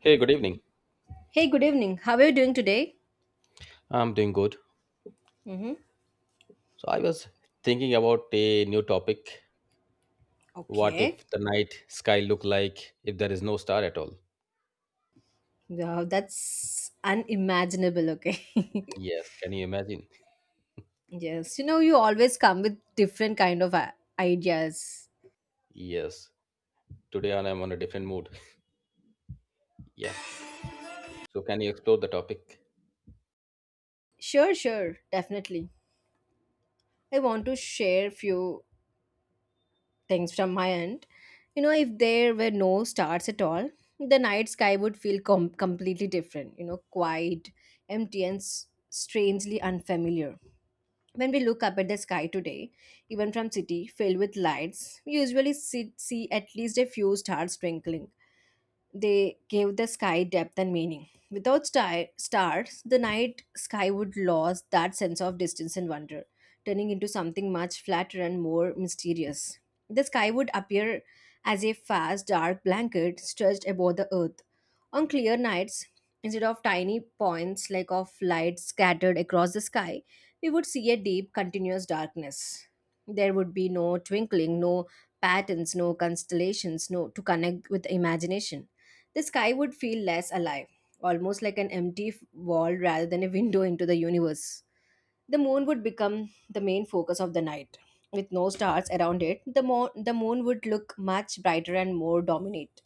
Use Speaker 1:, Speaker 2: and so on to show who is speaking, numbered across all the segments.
Speaker 1: Hey, good evening.
Speaker 2: Hey, good evening. How are you doing today?
Speaker 1: I'm doing good.
Speaker 2: Mm-hmm.
Speaker 1: So I was thinking about a new topic. What
Speaker 2: Okay.
Speaker 1: if the night sky look like if there is no star at all?
Speaker 2: Wow, that's unimaginable. Okay.
Speaker 1: Yes, can you imagine?
Speaker 2: Yes, you know you always come with different kind of ideas.
Speaker 1: Yes. Today I'm on a different mood. Yeah. So can you explore the topic?
Speaker 2: Sure, definitely. I want to share few things from my end. You know, if there were no stars at all, the night sky would feel completely different. You know, quiet, empty, and strangely unfamiliar. When we look up at the sky today, even from city filled with lights, we usually see at least a few stars twinkling. They gave the sky depth and meaning. Without stars, the night sky would lose that sense of distance and wonder, turning into something much flatter and more mysterious. The sky would appear as a vast dark blanket stretched above the earth. On clear nights, instead of tiny points like of light scattered across the sky, we would see a deep, continuous darkness. There would be no twinkling, no patterns, no constellations, no to connect with the imagination the sky would feel less alive, almost like an empty wall rather than a window into the universe. The moon would become the main focus of the night. With no stars around it, the moon would look much brighter and more dominant.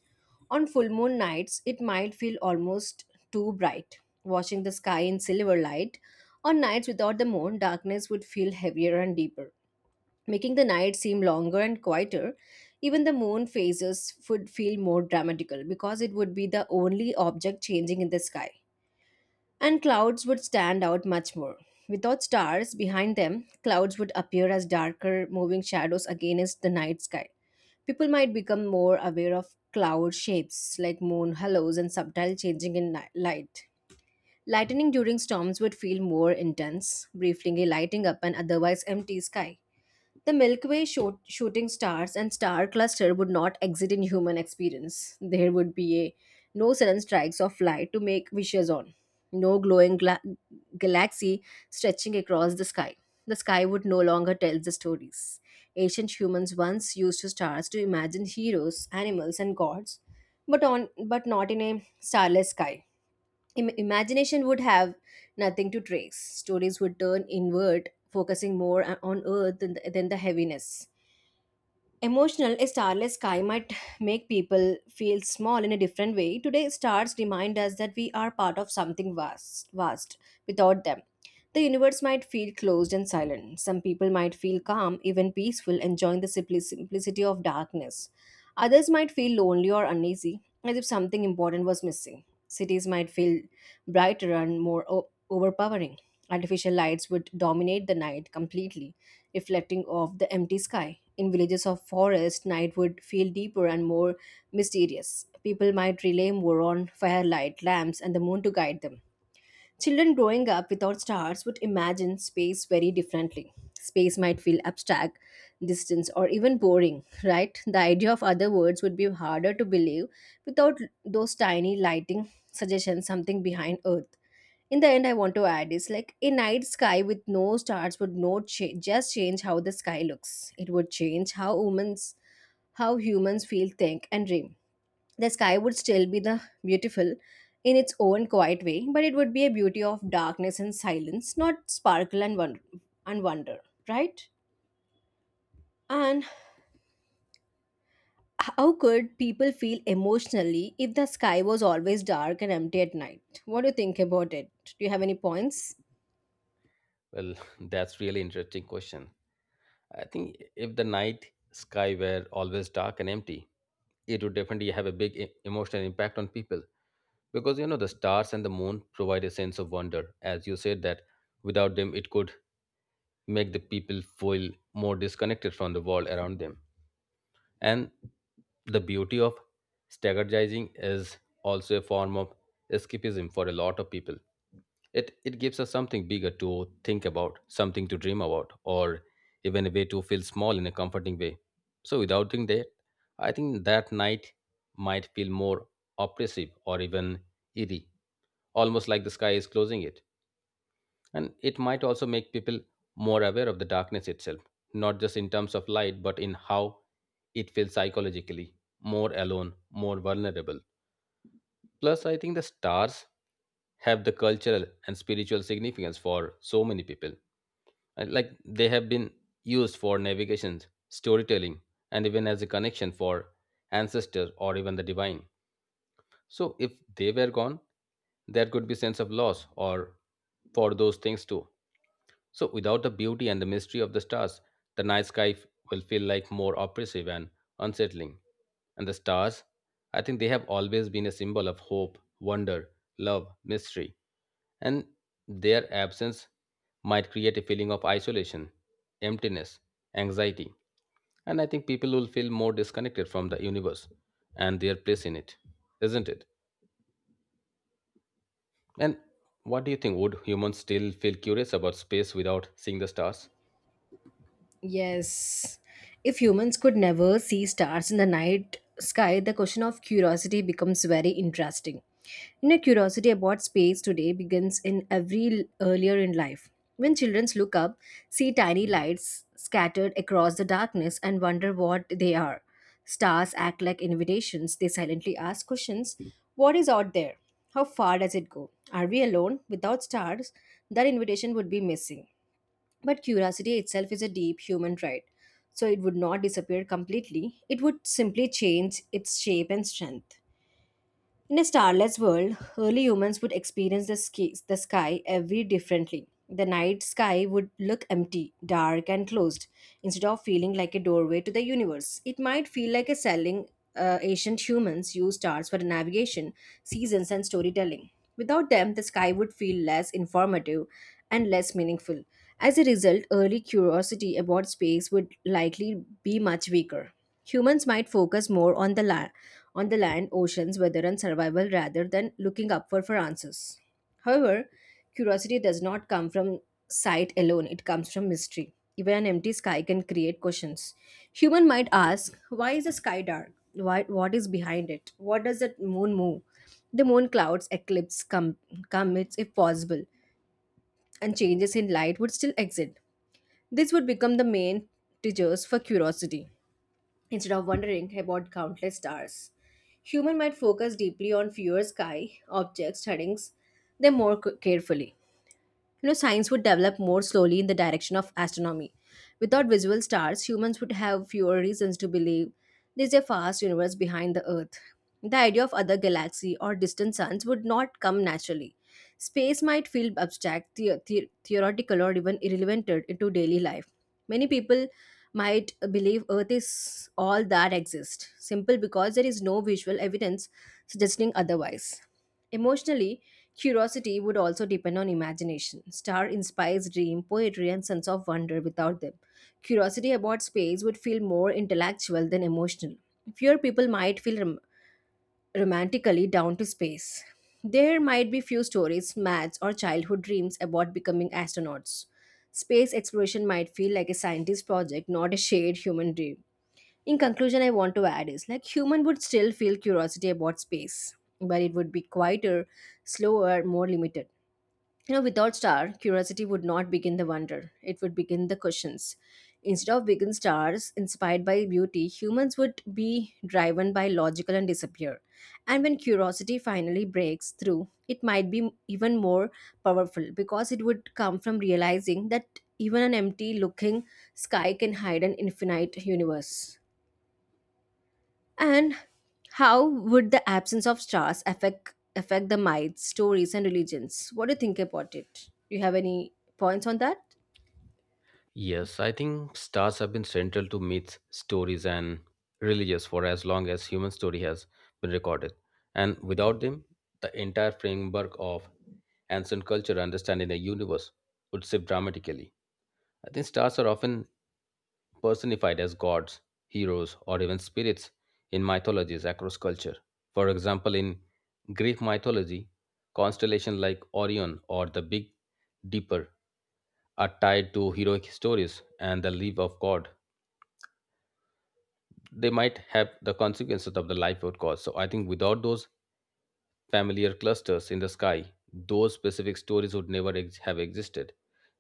Speaker 2: On full moon nights, it might feel almost too bright, watching the sky in silver light. On nights without the moon, darkness would feel heavier and deeper making the night seem longer and quieter. Even the moon phases would feel more dramatical because it would be the only object changing in the sky. And clouds would stand out much more. Without stars behind them, clouds would appear as darker, moving shadows against the night sky. People might become more aware of cloud shapes like moon halos and subtle changing in light. Lightning during storms would feel more intense, briefly lighting up an otherwise empty sky. The Milky Way shooting stars and star cluster would not exist in human experience. There would be a no sudden strikes of light to make wishes on, no glowing galaxy stretching across the sky. The sky would no longer tell the stories. Ancient humans once used to stars to imagine heroes, animals, and gods, but on but not in a starless sky. Imagination would have nothing to trace. Stories would turn inward, focusing more on earth than the heaviness. Emotional, a starless sky might make people feel small in a different way. Today, stars remind us that we are part of something vast. Vast. Without them, the universe might feel closed and silent. Some people might feel calm, even peaceful, enjoying the simplicity of darkness. Others might feel lonely or uneasy, as if something important was missing. Cities might feel brighter and more overpowering. Artificial lights would dominate the night completely, reflecting off the empty sky. In villages or forest, night would feel deeper and more mysterious. People might rely more on firelight, lamps, and the moon to guide them. Children growing up without stars would imagine space very differently. Space might feel abstract, distant, or even boring, right? The idea of other worlds would be harder to believe without those tiny lighting suggestions, something behind Earth. In the end, I want to add is like a night sky with no stars would not change, just change how the sky looks. It would change how humans feel, think, and dream the sky would still be the beautiful in its own quiet way, but it would be a beauty of darkness and silence, not sparkle and wonder, right? And how could people feel emotionally if the sky was always dark and empty at night? What do you think about it? Do you have any points?
Speaker 1: Well, that's really interesting question. I think if the night sky were always dark and empty, it would definitely have a big emotional impact on people because you know the stars and the moon provide a sense of wonder. As you said that without them it could make the people feel more disconnected from the world around them. And the beauty of strategizing is also a form of escapism for a lot of people. It gives us something bigger to think about, something to dream about, or even a way to feel small in a comforting way. So, without doing that, I think that night might feel more oppressive or even eerie, almost like the sky is closing it, and it might also make people more aware of the darkness itself, not just in terms of light but in how it feels psychologically, more alone, more vulnerable. Plus I think the stars have the cultural and spiritual significance for so many people. And, like, they have been used for navigation, storytelling, and even as a connection for ancestors or even the divine. So if they were gone, there could be sense of loss or for those things too. So, without the beauty and the mystery of the stars, the night sky will feel like more oppressive and unsettling. And the stars, I think they have always been a symbol of hope, wonder, love, mystery, and their absence might create a feeling of isolation, emptiness, anxiety, and I think people will feel more disconnected from the universe and their place in it, isn't it? And what do you think? Would humans still feel curious about space without seeing the stars?
Speaker 2: Yes. If humans could never see stars in the night sky, the question of curiosity becomes very interesting. You know, curiosity about space today begins in every earlier in life. When children look up, see tiny lights scattered across the darkness, and wonder what they are. Stars act like invitations. They silently ask questions. What is out there? How far does it go? Are we alone? Without stars, that invitation would be missing. But curiosity itself is a deep human trait, so it would not disappear completely. It would simply change its shape and strength. In a starless world, early humans would experience the sky every differently. The night sky would look empty, dark, and closed. Instead of feeling like a doorway to the universe, it might feel like a selling. Ancient humans used stars for navigation, seasons, and storytelling. Without them, the sky would feel less informative and less meaningful. As a result, early curiosity about space would likely be much weaker. Humans might focus more on the land, oceans, weather, and survival rather than looking upward for answers. However, curiosity does not come from sight alone, it comes from mystery. Even an empty sky can create questions. Human might ask, why is the sky dark? Why, what is behind it? What does the moon move? The moon clouds, eclipse, comets, if possible, and changes in light would still exist. This would become the main triggers for curiosity instead of wondering about countless stars. Human might focus deeply on fewer sky objects, studying them more carefully. You know, science would develop more slowly in the direction of astronomy. Without visual stars, humans would have fewer reasons to believe there's a vast universe behind the Earth. The idea of other galaxies or distant suns would not come naturally. Space might feel abstract, theoretical, or even irrelevant into daily life. Many people might believe Earth is all that exists, simple because there is no visual evidence suggesting otherwise. Emotionally, curiosity would also depend on imagination. Star inspires dream, poetry, and sense of wonder without them. Curiosity about space would feel more intellectual than emotional. Fewer people might feel romantically down to space. There might be few stories, maths, or childhood dreams about becoming astronauts. Space exploration might feel like a scientist project, not a shared human dream. In conclusion, I want to add is like human would still feel curiosity about space, but it would be quieter, slower, more limited. You know, without star, curiosity would not begin the wonder. It would begin the questions. Instead of begin stars inspired by beauty, humans would be driven by logical and disappear. And when curiosity finally breaks through, it might be even more powerful because it would come from realizing that even an empty looking sky can hide an infinite universe. And how would the absence of stars affect the myths, stories, and religions? What do you think about it? Do you have any points on that?
Speaker 1: Yes, I think stars have been central to myths, stories, and religions for as long as human story has been recorded. And without them, the entire framework of ancient culture understanding the universe would shift dramatically. I think stars are often personified as gods, heroes, or even spirits in mythologies across culture. For example, in Greek mythology, constellations like Orion or the Big Dipper are tied to heroic stories and the life of God. They might have the consequences of the life would cause. So I think without those familiar clusters in the sky, those specific stories would never have existed.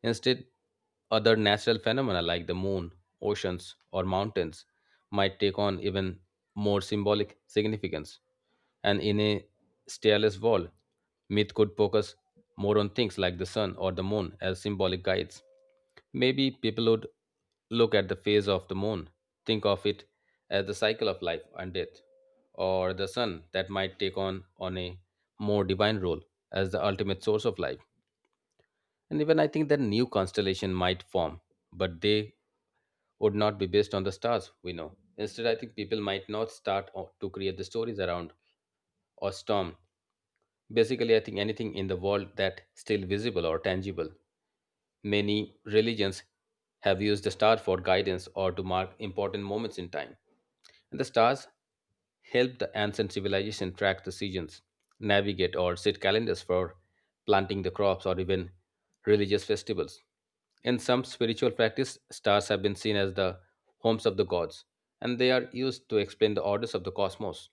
Speaker 1: Instead, other natural phenomena like the moon, oceans, or mountains might take on even more symbolic significance. And in a starless world, myth could focus more on things like the sun or the moon as symbolic guides. Maybe people would look at the phase of the moon, think of it as the cycle of life and death, or the sun that might take on a more divine role as the ultimate source of life. And even I think that new constellation might form, but they would not be based on the stars we know. Instead, I think people might not start to create the stories around or storm. Basically, I think anything in the world that still visible or tangible. Many religions have used the star for guidance or to mark important moments in time. And the stars helped the ancient civilization track the seasons, navigate or set calendars for planting the crops or even religious festivals. In some spiritual practice, stars have been seen as the homes of the gods, and they are used to explain the orders of the cosmos.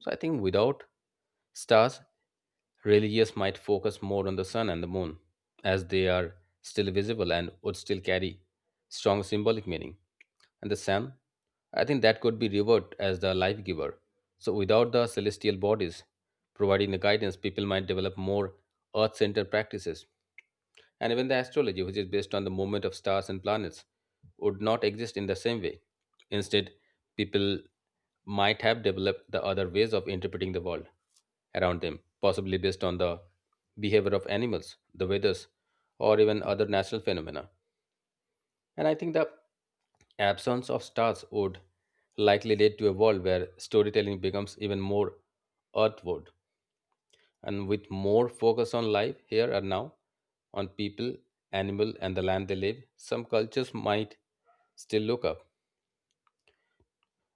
Speaker 1: So I think without stars, religious might focus more on the sun and the moon, as they are still visible and would still carry strong symbolic meaning. And the sun, I think that could be revered as the life giver. So, without the celestial bodies providing the guidance, people might develop more earth centered practices. And even the astrology, which is based on the movement of stars and planets, would not exist in the same way. Instead, people might have developed the other ways of interpreting the world around them, possibly based on the behavior of animals, the weathers, or even other natural phenomena. And I think the absence of stars would likely lead to a world where storytelling becomes even more earthward and with more focus on life here and now, on people, animal, and the land they live. Some cultures might still look up.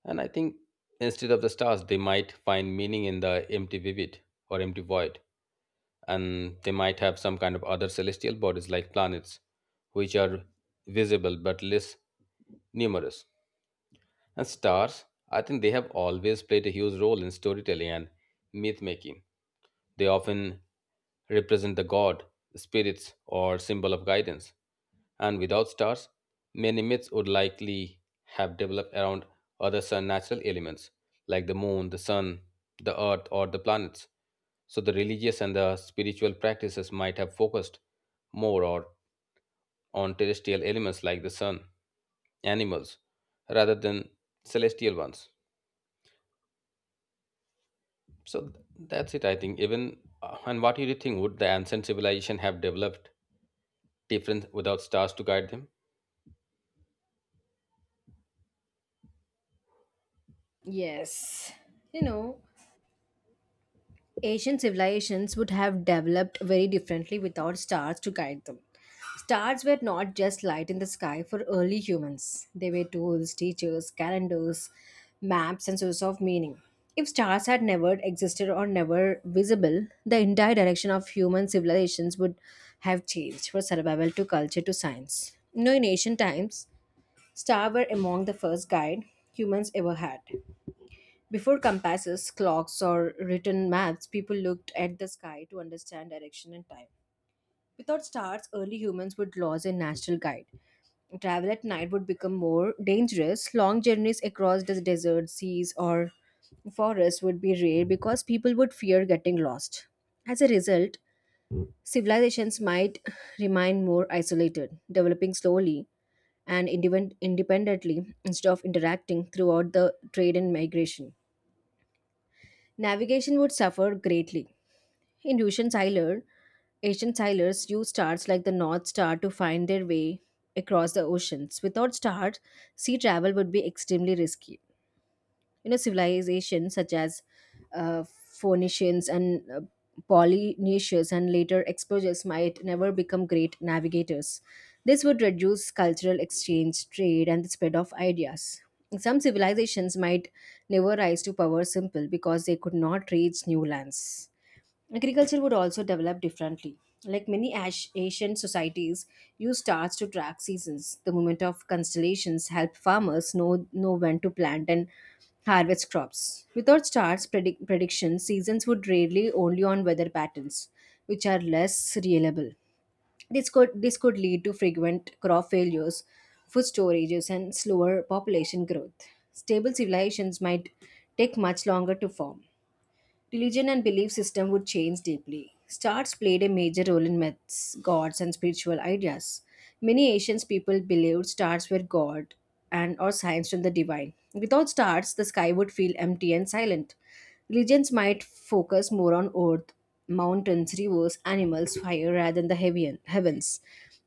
Speaker 1: And I think instead of the stars, they might find meaning in the empty vivid or empty void. And they might have some kind of other celestial bodies like planets, which are visible but less numerous. And stars, I think they have always played a huge role in storytelling and myth making. They often represent the god, spirits, or symbol of guidance. And without stars, many myths would likely have developed around other sun natural elements like the moon, the sun, the earth, or the planets. So the religious and the spiritual practices might have focused more or on terrestrial elements like the sun, animals, rather than celestial ones. So that's it, I think. Even and what do you think? Would the ancient civilization have developed different without stars to guide them?
Speaker 2: Yes. You know, Asian civilizations would have developed very differently without stars to guide them. Stars were not just light in the sky for early humans, they were tools, teachers, calendars, maps, and sources of meaning. If stars had never existed or never visible, the entire direction of human civilizations would have changed from survival to culture to science. You know, in ancient times, stars were among the first guide humans ever had. Before compasses, clocks, or written maps, people looked at the sky to understand direction and time. Without stars, early humans would lose a natural guide. Travel at night would become more dangerous. Long journeys across the deserts, seas, or forests would be rare because people would fear getting lost. As a result, civilizations might remain more isolated, developing slowly and independently instead of interacting throughout the trade and migration. Navigation would suffer greatly. In ancient sailor, Ancient sailors used stars like the North Star to find their way across the oceans. Without stars, sea travel would be extremely risky. You know civilizations such as Phoenicians and Polynesians and later explorers might never become great navigators. This would reduce cultural exchange trade and the spread of ideas. Some civilizations might never rise to power simple because they could not reach new lands. Agriculture would also develop differently. Like many Asian societies, use stars to track seasons. The movement of constellations help farmers know when to plant and harvest crops. Without stars prediction, seasons would rely only on weather patterns, which are less reliable. This could lead to frequent crop failures, food storages, and slower population growth. Stable civilizations might take much longer to form. Religion and belief system would change deeply. Stars played a major role in myths, gods, and spiritual ideas. Many ancient people believed stars were god and or signs from the divine. Without stars, the sky would feel empty and silent. Religions might focus more on earth, mountains, rivers, animals, fire rather than the heaven, heavens.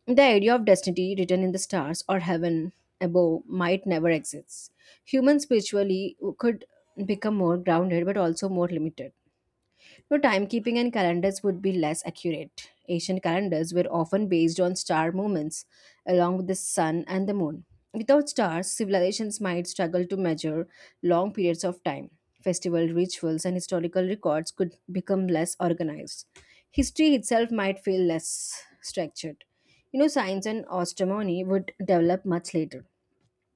Speaker 2: The idea of destiny written in the stars or heaven above might never exist. Humans spiritually could become more grounded but also more limited. No timekeeping and calendars would be less accurate. Ancient calendars were often based on star movements along with the sun and the moon. Without stars, civilizations might struggle to measure long periods of time. Festival rituals and historical records could become less organized. History itself might feel less structured. Science and astronomy would develop much later.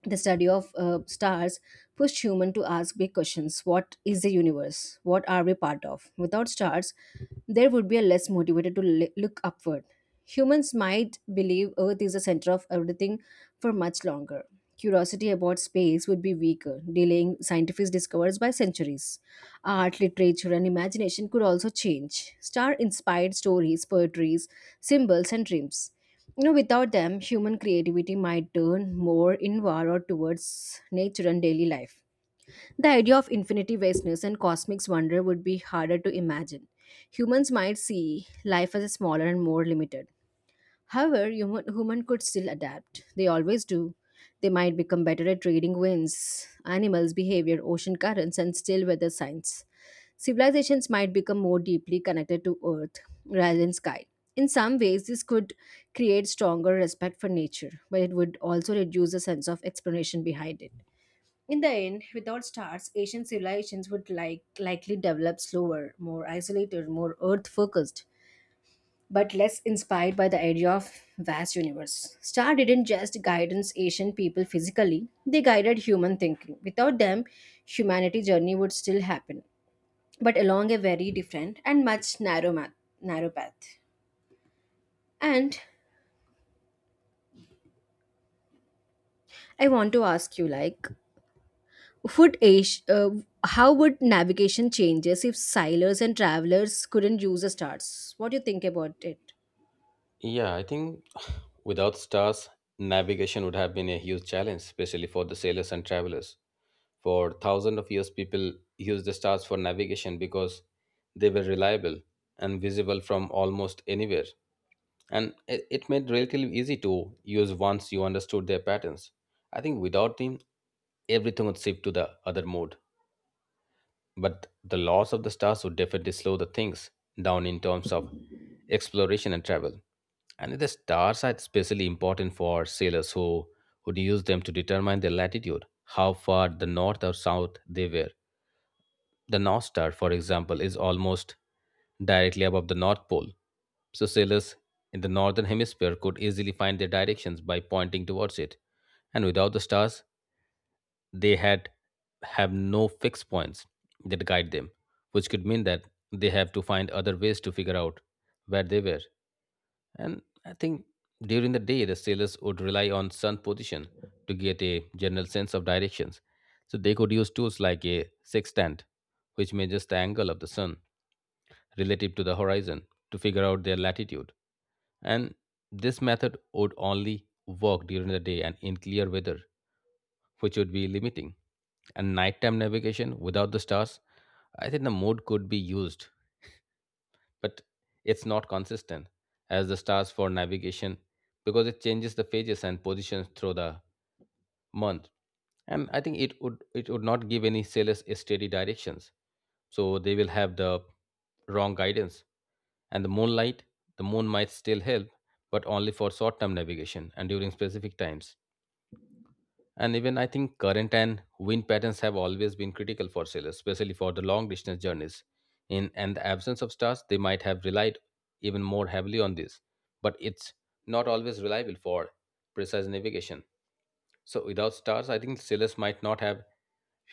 Speaker 2: The study of stars pushed humans to ask big questions. What is the universe? What are we part of? Without stars, there would be a less motivated to look upward. Humans might believe earth is the center of everything for much longer. Curiosity about space would be weaker, delaying scientific discoveries by centuries. Art, literature, and imagination could also change. Star inspired stories, poetries, symbols, and dreams, without them, human creativity might turn more inward or towards nature and daily life. The idea of infinity, vastness, and cosmic wonder would be harder to imagine. Humans might see life as smaller and more limited. However, human could still adapt. They always do. They might become better at reading winds, animals' behavior, ocean currents, and still weather signs. Civilizations might become more deeply connected to earth rather than sky. In some ways, this could create stronger respect for nature, but it would also reduce the sense of explanation behind it. In the end, without stars, ancient civilizations would likely develop slower, more isolated, more earth-focused, but less inspired by the idea of vast universe. Star didn't just guidance ancient people physically, they guided human thinking. Without them, humanity journey would still happen but along a very different and much narrow path. And I want to ask you, would Asia, how would navigation changes if sailors and travelers couldn't use the stars? What do you think about it?
Speaker 1: Yeah, I think without stars, navigation would have been a huge challenge, especially for the sailors and travelers. For thousands of years, people used the stars for navigation because they were reliable and visible from almost anywhere. And it made relatively easy to use once you understood their patterns. I think without them, everything would shift to the other mode. But the loss of the stars would definitely slow the things down in terms of exploration and travel. And the stars are especially important for sailors who would use them to determine their latitude, how far the north or south they were. The North Star, for example, is almost directly above the North Pole, so sailors in the northern hemisphere could easily find their directions by pointing towards it. And without the stars, they had have no fixed points that guide them, which could mean that they have to find other ways to figure out where they were. And I think during the day, the sailors would rely on sun position to get a general sense of directions. So they could use tools like a sextant, which measures the angle of the sun relative to the horizon to figure out their latitude. And this method would only work during the day and in clear weather, which would be limiting. And nighttime navigation without the stars, I think the mode could be used, but it's not consistent as the stars for navigation because it changes the phases and positions through the month. And I think it would not give any sailors a steady directions, so they will have the wrong guidance. And the moon might still help, but only for short term navigation and during specific times. And even I think current and wind patterns have always been critical for sailors, especially for the long distance journeys. In and the absence of stars, they might have relied even more heavily on this. But it's not always reliable for precise navigation. So without stars, I think sailors might not have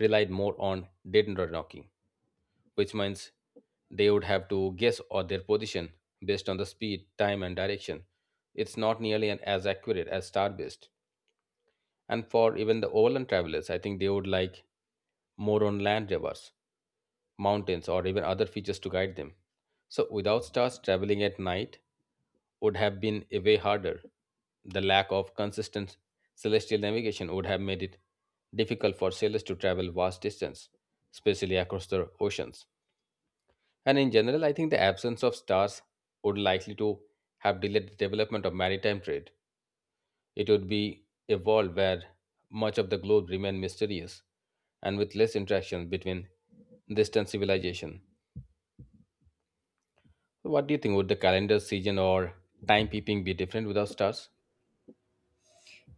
Speaker 1: relied more on dead and knocking, which means they would have to guess or their position based on the speed, time, and direction. It's not nearly as accurate as star based. And for even the overland travelers, I think they would like more on land rivers, mountains, or even other features to guide them. So, without stars, traveling at night would have been a way harder. The lack of consistent celestial navigation would have made it difficult for sailors to travel vast distance, especially across the oceans. And in general, I think the absence of stars would likely to have delayed the development of maritime trade. It would be a world where much of the globe remained mysterious and with less interaction between distant civilization. What do you think? Would the calendar season or timekeeping be different without stars?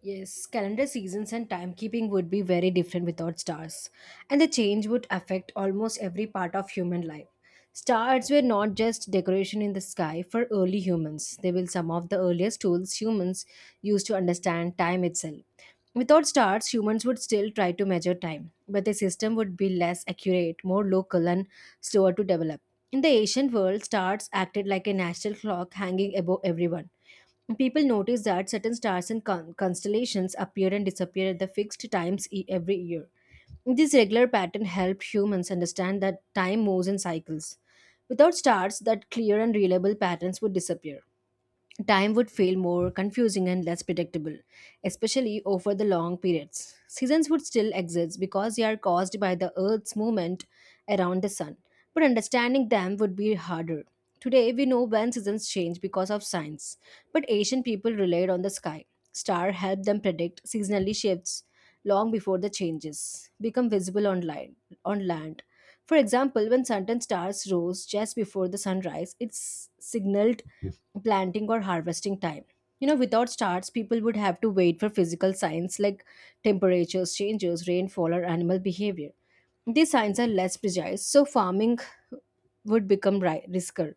Speaker 2: Yes, calendar seasons and timekeeping would be very different without stars, and the change would affect almost every part of human life. Stars were not just decoration in the sky for early humans, they were some of the earliest tools humans used to understand time itself. Without stars, humans would still try to measure time, but the system would be less accurate, more local, and slower to develop. In the ancient world, stars acted like a natural clock hanging above everyone. People noticed that certain stars and constellations appear and disappear at the fixed times every year. This regular pattern helped humans understand that time moves in cycles. Without stars, that clear and reliable patterns would disappear. Time would feel more confusing and less predictable, especially over the long periods. Seasons would still exist because they are caused by the Earth's movement around the Sun, but understanding them would be harder. Today, we know when seasons change because of science, but ancient people relied on the sky. Star helped them predict seasonally shifts long before the changes become visible on land. On land. For example, when certain stars rose just before the sunrise, it signaled planting or harvesting time. Without starts, people would have to wait for physical signs like temperatures, changes, rainfall, or animal behavior. These signs are less precise, so farming would become risker.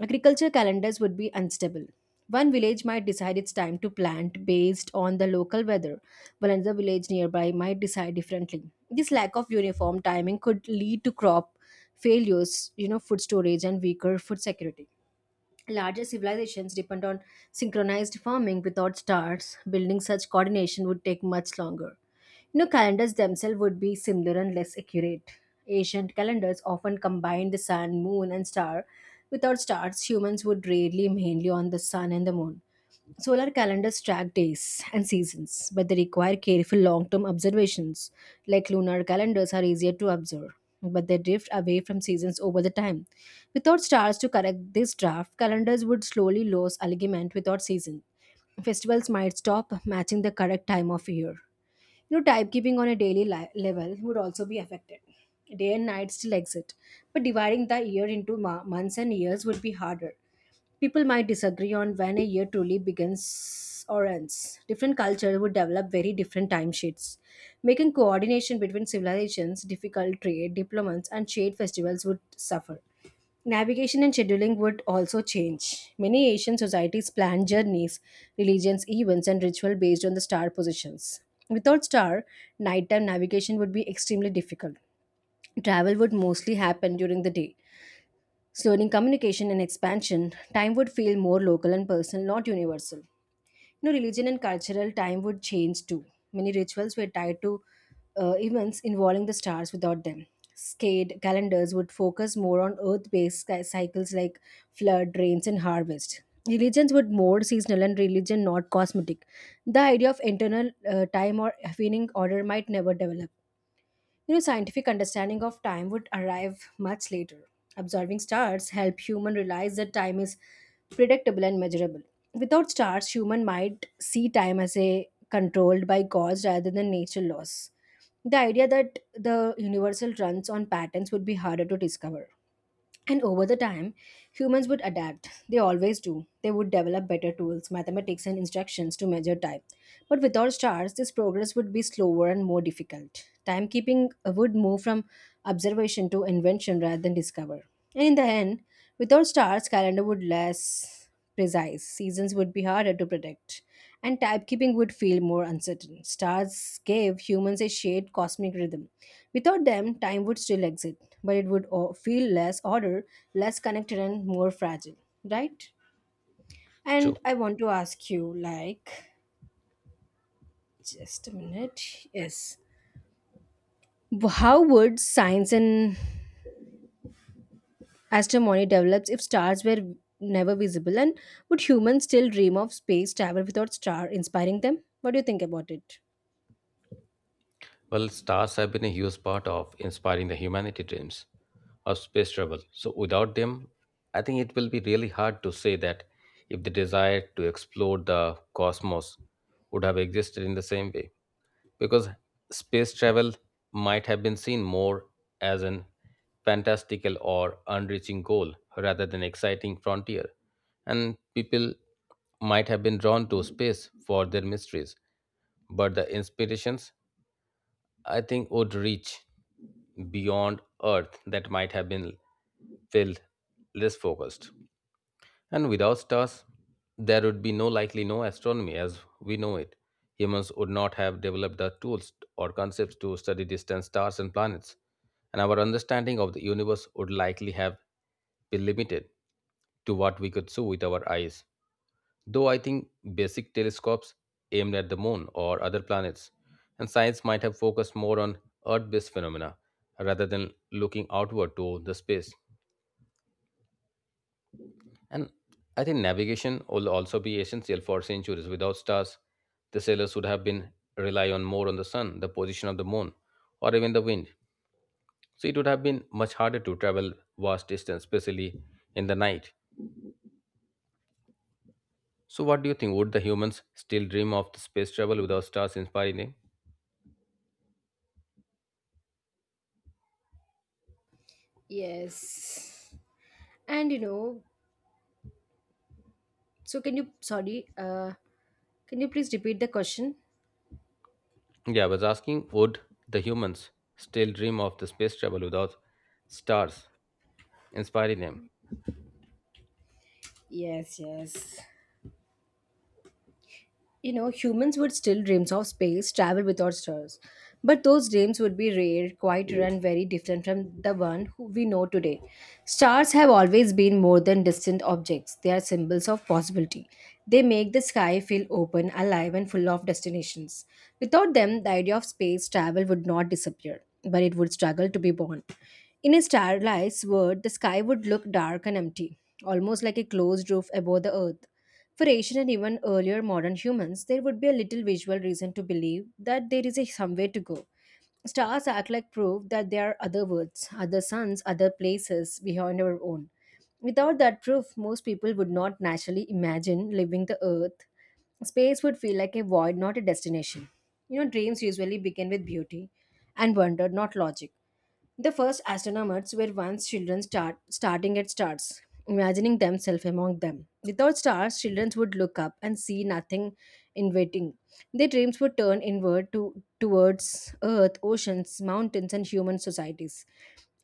Speaker 2: Agriculture calendars would be unstable. One village might decide it's time to plant based on the local weather, while another village nearby might decide differently. This lack of uniform timing could lead to crop failures, food storage, and weaker food security. Larger civilizations depend on synchronized farming without stars. Building such coordination would take much longer. Calendars themselves would be similar and less accurate. Ancient calendars often combined the sun, moon, and star. Without stars, humans would rely mainly on the sun and the moon. Solar calendars track days and seasons, but they require careful long term observations. Like lunar calendars are easier to observe, but they drift away from seasons over the time. Without stars to correct this draft, calendars would slowly lose alignment without season. Festivals might stop matching the correct time of year. Timekeeping on a daily level would also be affected. Day and night still exist, but dividing the year into months and years would be harder. People might disagree on when a year truly begins or ends. Different cultures would develop very different timesheets, making coordination between civilizations difficult. Trade, diplomacy, and shared festivals would suffer. Navigation and scheduling would also change. Many Asian societies plan journeys, religions, events, and ritual based on the star positions. Without star, nighttime navigation would be extremely difficult. Travel would mostly happen during the day. Slowing communication and expansion, time would feel more local and personal, not universal. Religion and cultural time would change too. Many rituals were tied to events involving the stars without them. Skate calendars would focus more on earth based cycles like flood, rains, and harvest. Religions would more seasonal and religion not cosmetic. The idea of internal time or affining order might never develop. Scientific understanding of time would arrive much later. Observing stars help human realize that time is predictable and measurable. Without stars, human might see time as a controlled by gods rather than nature laws. The idea that the universal runs on patterns would be harder to discover. And over the time, humans would adapt. They always do. They would develop better tools, mathematics, and instructions to measure time. But without stars, this progress would be slower and more difficult. Timekeeping would move from observation to invention rather than discover. And in the end, without stars, calendar would less precise. Seasons would be harder to predict, and timekeeping would feel more uncertain. Stars gave humans a shared cosmic rhythm. Without them, time would still exist, but it would feel less ordered, less connected, and more fragile, right? And
Speaker 1: True.
Speaker 2: I want to ask you, just a minute, yes, how would science and astronomy develops if stars were never visible, and would humans still dream of space travel without star inspiring them? What do you think about it?
Speaker 1: Well, stars have been a huge part of inspiring the humanity dreams of space travel. So without them, I think it will be really hard to say that if the desire to explore the cosmos would have existed in the same way. Because space travel might have been seen more as an fantastical or unreaching goal rather than exciting frontier. And people might have been drawn to space for their mysteries, but the inspirations, I think, would reach beyond earth that might have been felt less focused. And without stars, there would be no likely no astronomy as we know it. Humans would not have developed the tools or concepts to study distant stars and planets, and our understanding of the universe would likely have been limited to what we could see with our eyes. Though I think basic telescopes aimed at the moon or other planets, and science might have focused more on Earth based phenomena rather than looking outward to the space. And I think navigation will also be essential for centuries. Without stars, the sailors would have been rely on more on the sun, the position of the moon, or even the wind. So it would have been much harder to travel vast distance, especially in the night. So what do you think? Would the humans still dream of the space travel without stars inspiring them?
Speaker 2: Yes, and so can you? Sorry, can you please repeat the question?
Speaker 1: Yeah, I was asking, would the humans still dream of the space travel without stars inspiring them?
Speaker 2: Yes, yes. Humans would still dreams of space travel without stars, but those dreams would be rare, quieter, and very different from the one who we know today. Stars have always been more than distant objects; they are symbols of possibility. They make the sky feel open, alive, and full of destinations. Without them, the idea of space travel would not disappear, but it would struggle to be born. In a starless world, the sky would look dark and empty, almost like a closed roof above the earth. For ancient and even earlier modern humans, there would be a little visual reason to believe that there is a somewhere to go. Stars act like proof that there are other worlds, other suns, other places beyond our own. Without that proof, most people would not naturally imagine leaving the Earth. Space would feel like a void, not a destination. Dreams usually begin with beauty and wonder, not logic. The first astronomers were once children starting at stars, imagining themselves among them. Without stars, children would look up and see nothing in waiting. Their dreams would turn inward towards Earth, oceans, mountains, and human societies.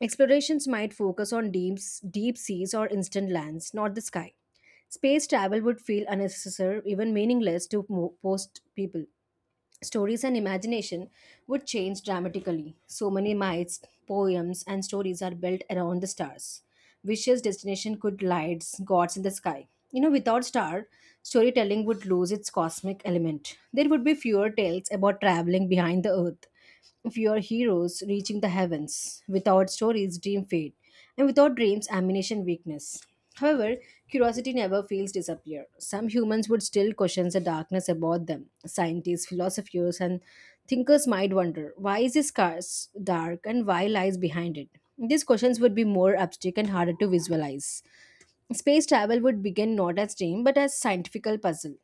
Speaker 2: Explorations might focus on deep seas or instant lands, not the sky. Space travel would feel unnecessary, even meaningless to most people. Stories and imagination would change dramatically. So many myths, poems, and stories are built around the stars. Wishes, destination could lights, gods in the sky. Without star, storytelling would lose its cosmic element. There would be fewer tales about traveling behind the earth of your heroes reaching the heavens. Without stories, dream fade, and without dreams, ammunition weakness. However, curiosity never fails disappear. Some humans would still question the darkness about them. Scientists, philosophers, and thinkers might wonder why is this scarce dark and why lies behind it. These questions would be more abstract and harder to visualize. Space travel would begin not as dream but as scientifical puzzle.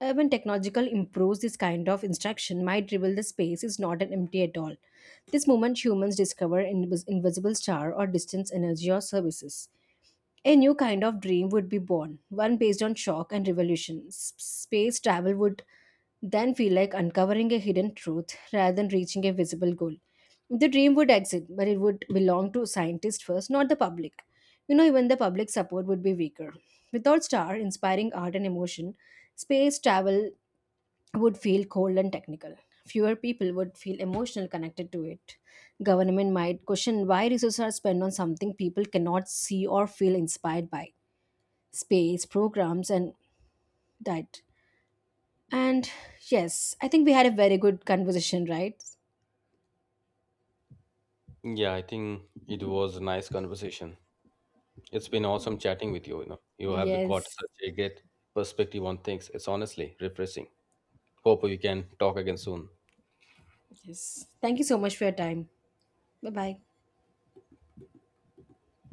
Speaker 2: When technological improves, this kind of instruction might reveal the space is not an empty at all. This moment humans discover an invisible star or distant energy or services. A new kind of dream would be born, one based on shock and revolution. Space travel would then feel like uncovering a hidden truth rather than reaching a visible goal. The dream would exist, but it would belong to scientists first, not the public. Even the public support would be weaker. Without star inspiring art and emotion, space travel would feel cold and technical. Fewer people would feel emotional connected to it. Government might question why resources are spent on something people cannot see or feel inspired by space, programs, and that. And yes, I think we had a very good conversation, right?
Speaker 1: Yeah, I think it was a nice conversation. It's been awesome chatting with you. You have got
Speaker 2: Yes.
Speaker 1: such a great perspective on things. It's honestly refreshing. Hope we can talk again soon.
Speaker 2: Yes. Thank you so much for your time. Bye bye.